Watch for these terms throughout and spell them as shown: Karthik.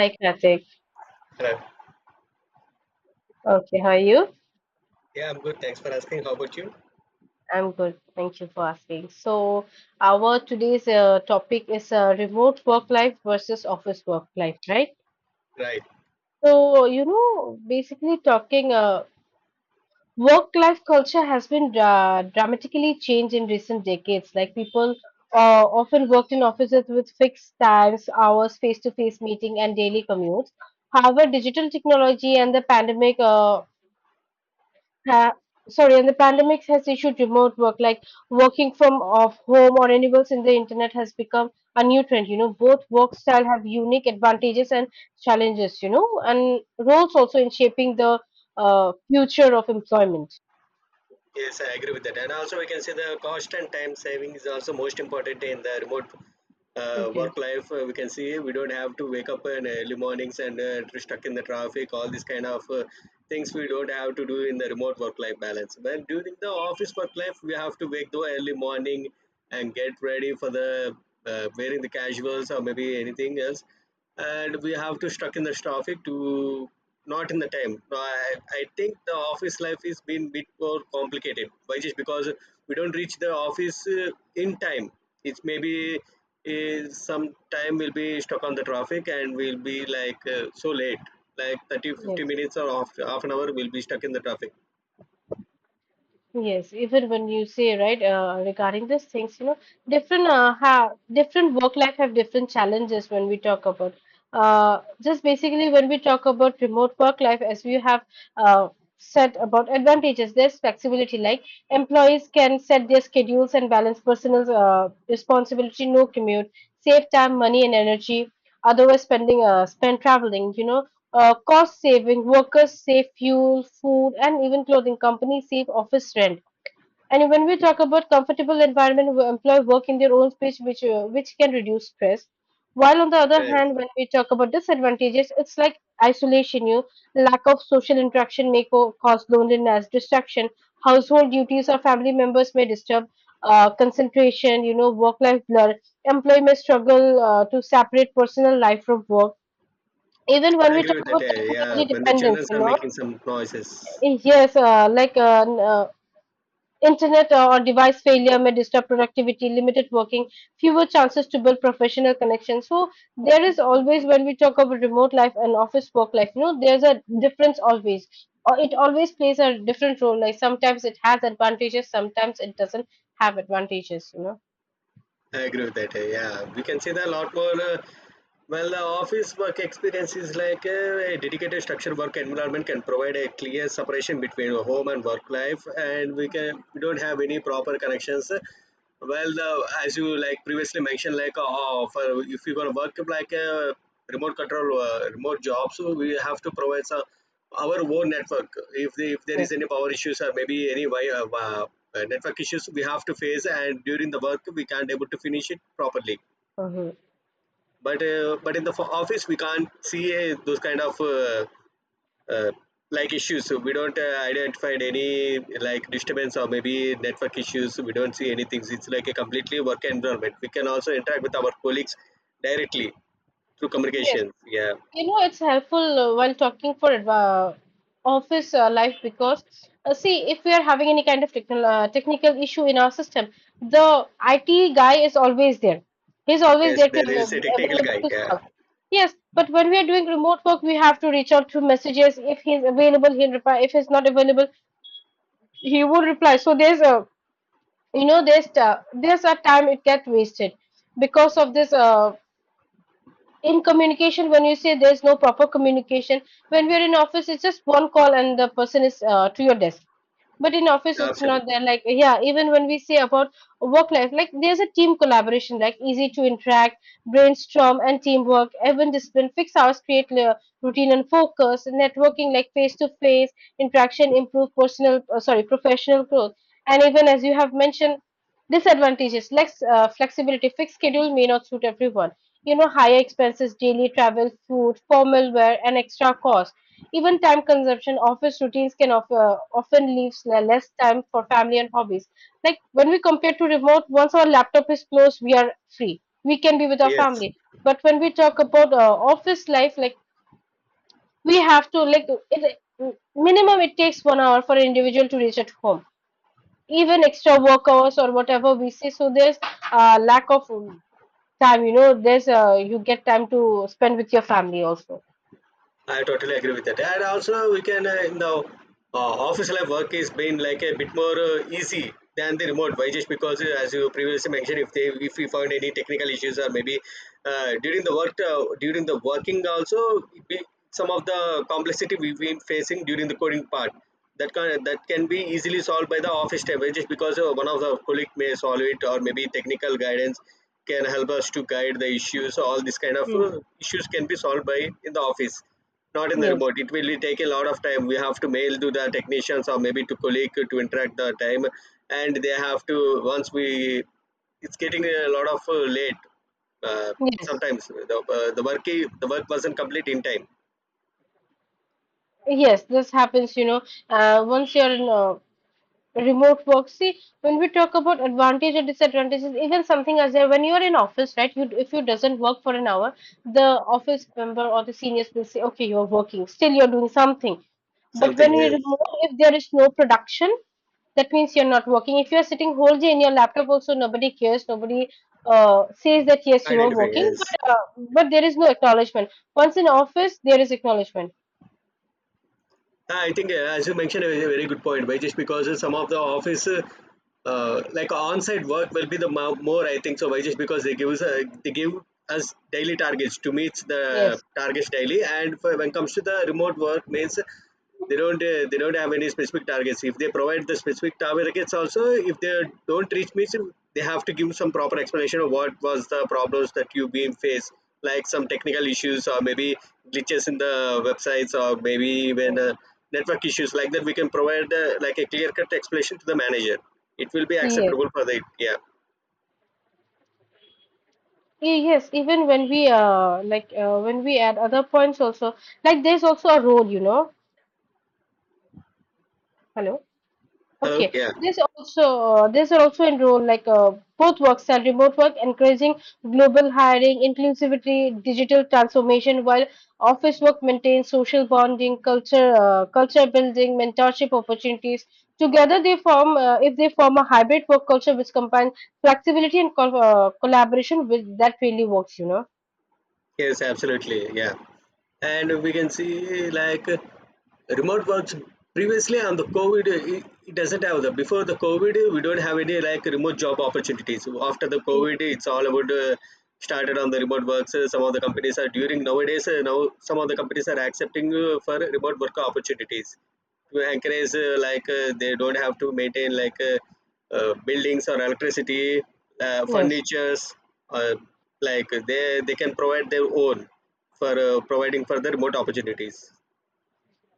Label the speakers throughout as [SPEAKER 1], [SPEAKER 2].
[SPEAKER 1] Hi, Karthik.
[SPEAKER 2] Right.
[SPEAKER 1] Okay, how are you?
[SPEAKER 2] Yeah, I'm good. Thanks for asking. How about you?
[SPEAKER 1] I'm good. Thank you for asking. So, our today's topic is remote work life versus office work life, right?
[SPEAKER 2] Right.
[SPEAKER 1] So, you know, basically talking work life culture has been dramatically changed in recent decades. Like people often worked in offices with fixed times, hours, face-to-face meeting, and daily commutes. However, digital technology and the pandemic ha- and the pandemic has issued remote work, like working from off home or anywhere in the internet has become a new trend. You know, both work style have unique advantages and challenges. You know, and roles also in shaping the future of employment.
[SPEAKER 2] Yes, I agree with that. And also, we can say the cost and time saving is also most important in the remote
[SPEAKER 1] Okay.
[SPEAKER 2] work life. We can see we don't have to wake up in early mornings and to stuck in the traffic. All these kind of things we don't have to do in the remote work life balance. But during the office work life, we have to wake the early morning and get ready for the wearing the casuals or maybe anything else, and we have to stuck in the traffic to not in the time. I think the office life is been bit more complicated. Why? Just because we don't reach the office in time. It's maybe some time will be stuck on the traffic and we'll be like so late, like 30, fifty
[SPEAKER 1] Yes.
[SPEAKER 2] minutes or half an hour we'll be stuck in the traffic.
[SPEAKER 1] Yes, even when you say right regarding these things, you know, different have different work life have different challenges when we talk about just basically when we talk about remote work life, as we have uh, said about advantages, there's flexibility. Like employees can set their schedules and balance personal responsibility, no commute, save time, money, and energy. Otherwise, spend traveling, you know, cost saving, workers save fuel, food, and even clothing. Companies save office rent. And when we talk about comfortable environment, where employees work in their own space, which can reduce stress. While on the other
[SPEAKER 2] Yes,
[SPEAKER 1] hand, when we talk about disadvantages, it's like isolation. You lack of social interaction may cause loneliness, distraction. Household duties or family members may disturb concentration. You know, work-life blur. Employee may struggle to separate personal life from work even when
[SPEAKER 2] I
[SPEAKER 1] we
[SPEAKER 2] agree
[SPEAKER 1] talk
[SPEAKER 2] with that.
[SPEAKER 1] about
[SPEAKER 2] Yeah,
[SPEAKER 1] technology
[SPEAKER 2] when the
[SPEAKER 1] dependence,
[SPEAKER 2] children
[SPEAKER 1] you
[SPEAKER 2] are
[SPEAKER 1] know,
[SPEAKER 2] making some noises.
[SPEAKER 1] yes, internet or device failure may disturb productivity, limited working, fewer chances to build professional connections. So there is always when we talk about remote life and office work life, you know, there's a difference always. Or it always plays a different role. Like sometimes it has advantages, sometimes it doesn't have advantages. You know.
[SPEAKER 2] I agree with that. Yeah, we can see that a lot more. Well, the office work experience is like a dedicated structured work environment can provide a clear separation between home and work life, and we don't have any proper connections. Well, the as you like previously mentioned, like for if you're gonna work like a remote control, remote job, so we have to provide some our own network. If there is
[SPEAKER 1] Yes.
[SPEAKER 2] any power issues or maybe any network issues, we have to face, and during the work we can't able to finish it properly.
[SPEAKER 1] Mm-hmm.
[SPEAKER 2] But in the office we can't see those kind of. Uh, like issues, so we don't identify any like disturbance or maybe network issues. We don't see anything. It's like a completely work environment. We can also interact with our colleagues directly through communications. Yeah,
[SPEAKER 1] You know, it's helpful while talking for uh, office life because, see, if we are having any kind of technical issue in our system, the IT guy is always there. He's always
[SPEAKER 2] yes,
[SPEAKER 1] there to
[SPEAKER 2] there is a technical
[SPEAKER 1] available
[SPEAKER 2] guy.
[SPEAKER 1] to
[SPEAKER 2] Yeah,
[SPEAKER 1] serve. Yes, but when we are doing remote work, we have to reach out through messages. If he's available, he'll reply. If he's not available, he won't reply. So there's a, you know, there's a time it gets wasted because of this. In communication when you say there's no proper communication when we're in office it's just one call and the person is to your desk, but in office it's not
[SPEAKER 2] absolutely.
[SPEAKER 1] there. Like, yeah, even when we say about work life, like there's a team collaboration, like easy to interact, brainstorm, and teamwork. Even discipline, fix hours create clear routine and focus. Networking, like face to face interaction improve personal sorry professional growth. And even as you have mentioned disadvantages, like flexibility fixed schedule may not suit everyone, you know, higher expenses, daily travel, food, formal wear, and extra cost. Even time consumption, office routines can often leave less time for family and hobbies. Like when we compare to remote, once our laptop is closed, we are free. We can be with our
[SPEAKER 2] Yes,
[SPEAKER 1] family. But when we talk about office life, like we have to like it, minimum it takes 1 hour for an individual to reach at home. Even extra work hours or whatever we see, so there's lack of time. You know, there's you get time to spend with your family also.
[SPEAKER 2] I totally agree with that. And also, we can in the office life, work is been like a bit more easy than the remote. Why? Just because as you previously mentioned, if we found any technical issues or maybe during the working also some of the complexity we've been facing during the coding part that can be easily solved by the office staff, just because one of the colleague may solve it, or maybe technical guidance can help us to guide the issues. All these kind of
[SPEAKER 1] Hmm.
[SPEAKER 2] issues can be solved by in the office, not in the
[SPEAKER 1] Yes,
[SPEAKER 2] remote. It will take a lot of time. We have to mail to the technicians or maybe to colleague to interact the time, and they have to once we. It's getting a lot of late. Uh,
[SPEAKER 1] yes.
[SPEAKER 2] Sometimes the work wasn't complete in time.
[SPEAKER 1] Yes, this happens, you know, once you're in remote work. See, when we talk about advantage or disadvantages, even something as there, when you're in office, right, you, if you doesn't work for an hour, the office member or the seniors will say, okay, you're working, still you're doing something. But
[SPEAKER 2] Something
[SPEAKER 1] when you're
[SPEAKER 2] is
[SPEAKER 1] remote, if there is no production, that means you're not working. If you're sitting whole day in your laptop, also nobody cares, nobody says that yes, you are
[SPEAKER 2] identify.
[SPEAKER 1] working,
[SPEAKER 2] Yes.
[SPEAKER 1] but there is no acknowledgement. Once in office, there is acknowledgement.
[SPEAKER 2] Ah, I think, as you mentioned, a very good point, by just because some of the office, like on-site work, will be the more. I think so, by just because they give us daily targets to meet the
[SPEAKER 1] Yes.
[SPEAKER 2] targets daily, and for, when comes to the remote work, means they don't have any specific targets. If they provide the specific targets, also if they don't reach means they have to give some proper explanation of what was the problems that you being faced, like some technical issues or maybe glitches in the websites or maybe even network issues. Like that we can provide like a clear cut explanation to the manager. It will be
[SPEAKER 1] Yes.
[SPEAKER 2] acceptable for the yeah.
[SPEAKER 1] Yes, even when we add other points also, like there's also a role, you know. Hello.
[SPEAKER 2] Hello.
[SPEAKER 1] Okay,
[SPEAKER 2] Yeah.
[SPEAKER 1] there's also a role, like both works and remote work encouraging global hiring, inclusivity, digital transformation, while office work maintains social bonding, culture building, mentorship opportunities. Together they form if they form a hybrid work culture which combines flexibility and collaboration with that really works, you know.
[SPEAKER 2] Yes, absolutely. Yeah. And we can see like remote works previously on the COVID, it doesn't have the before the COVID, we don't have any like remote job opportunities. After the
[SPEAKER 1] Yeah.
[SPEAKER 2] COVID, it's all about started on the remote works. Some of the companies are during nowadays, now some of the companies are accepting for remote work opportunities to encourage, they don't have to maintain like buildings or electricity,
[SPEAKER 1] Yes.
[SPEAKER 2] furnitures, uh, like they can provide their own for providing further remote opportunities.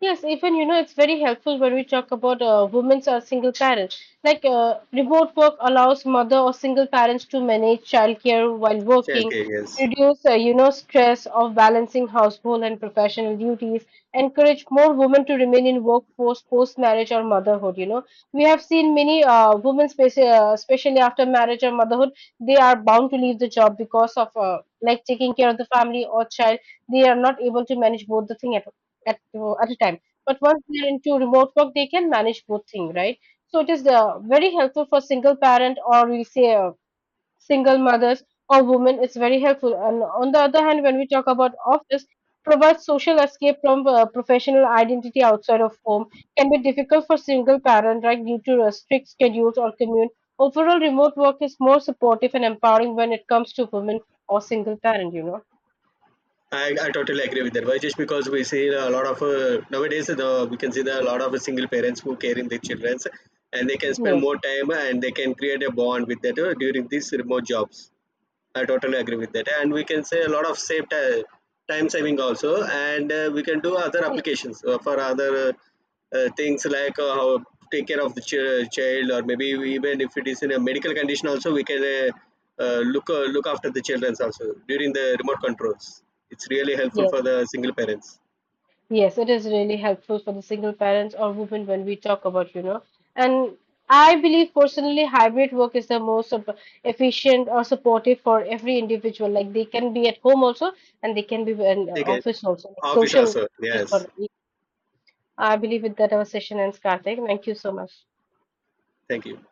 [SPEAKER 1] Yes, even you know it's very helpful when we talk about women's or single parents. Like remote work allows mother or single parents to manage childcare while working,
[SPEAKER 2] Childcare, yes.
[SPEAKER 1] reduce you know stress of balancing household and professional duties, encourage more women to remain in workforce post marriage or motherhood. You know, we have seen many women, especially after marriage or motherhood, they are bound to leave the job because of like taking care of the family or child. They are not able to manage both the thing at at a time. But once they're into remote work, they can manage both things, right? So it is very helpful for single parent, or we say single mothers or women. It's very helpful. And on the other hand, when we talk about office, provides social escape from professional identity outside of home, can be difficult for single parent, right? Due to strict schedules or commute. Overall, remote work is more supportive and empowering when it comes to women or single parent. You know.
[SPEAKER 2] I totally agree with that. Why? Just because we see a lot of nowadays we can see the, a lot of single parents who care in their children, and they can spend
[SPEAKER 1] Yes.
[SPEAKER 2] more time and they can create a bond with that during these remote jobs. I totally agree with that, and we can say a lot of time saving also, and we can do other
[SPEAKER 1] Yes.
[SPEAKER 2] applications for other things, like how take care of the child, or maybe even if it is in a medical condition, also we can look after the children also during the remote controls. It's really helpful
[SPEAKER 1] Yes.
[SPEAKER 2] for the single parents.
[SPEAKER 1] Yes, it is really helpful for the single parents or women when we talk about, you know. And I believe personally, hybrid work is the most efficient or supportive for every individual. Like they can be at home also, and they can be in
[SPEAKER 2] Okay,
[SPEAKER 1] office also. Like
[SPEAKER 2] office
[SPEAKER 1] social
[SPEAKER 2] also. Yes,
[SPEAKER 1] responsibility. I believe with that our session ends, Karthik. Thank you so much.
[SPEAKER 2] thank you.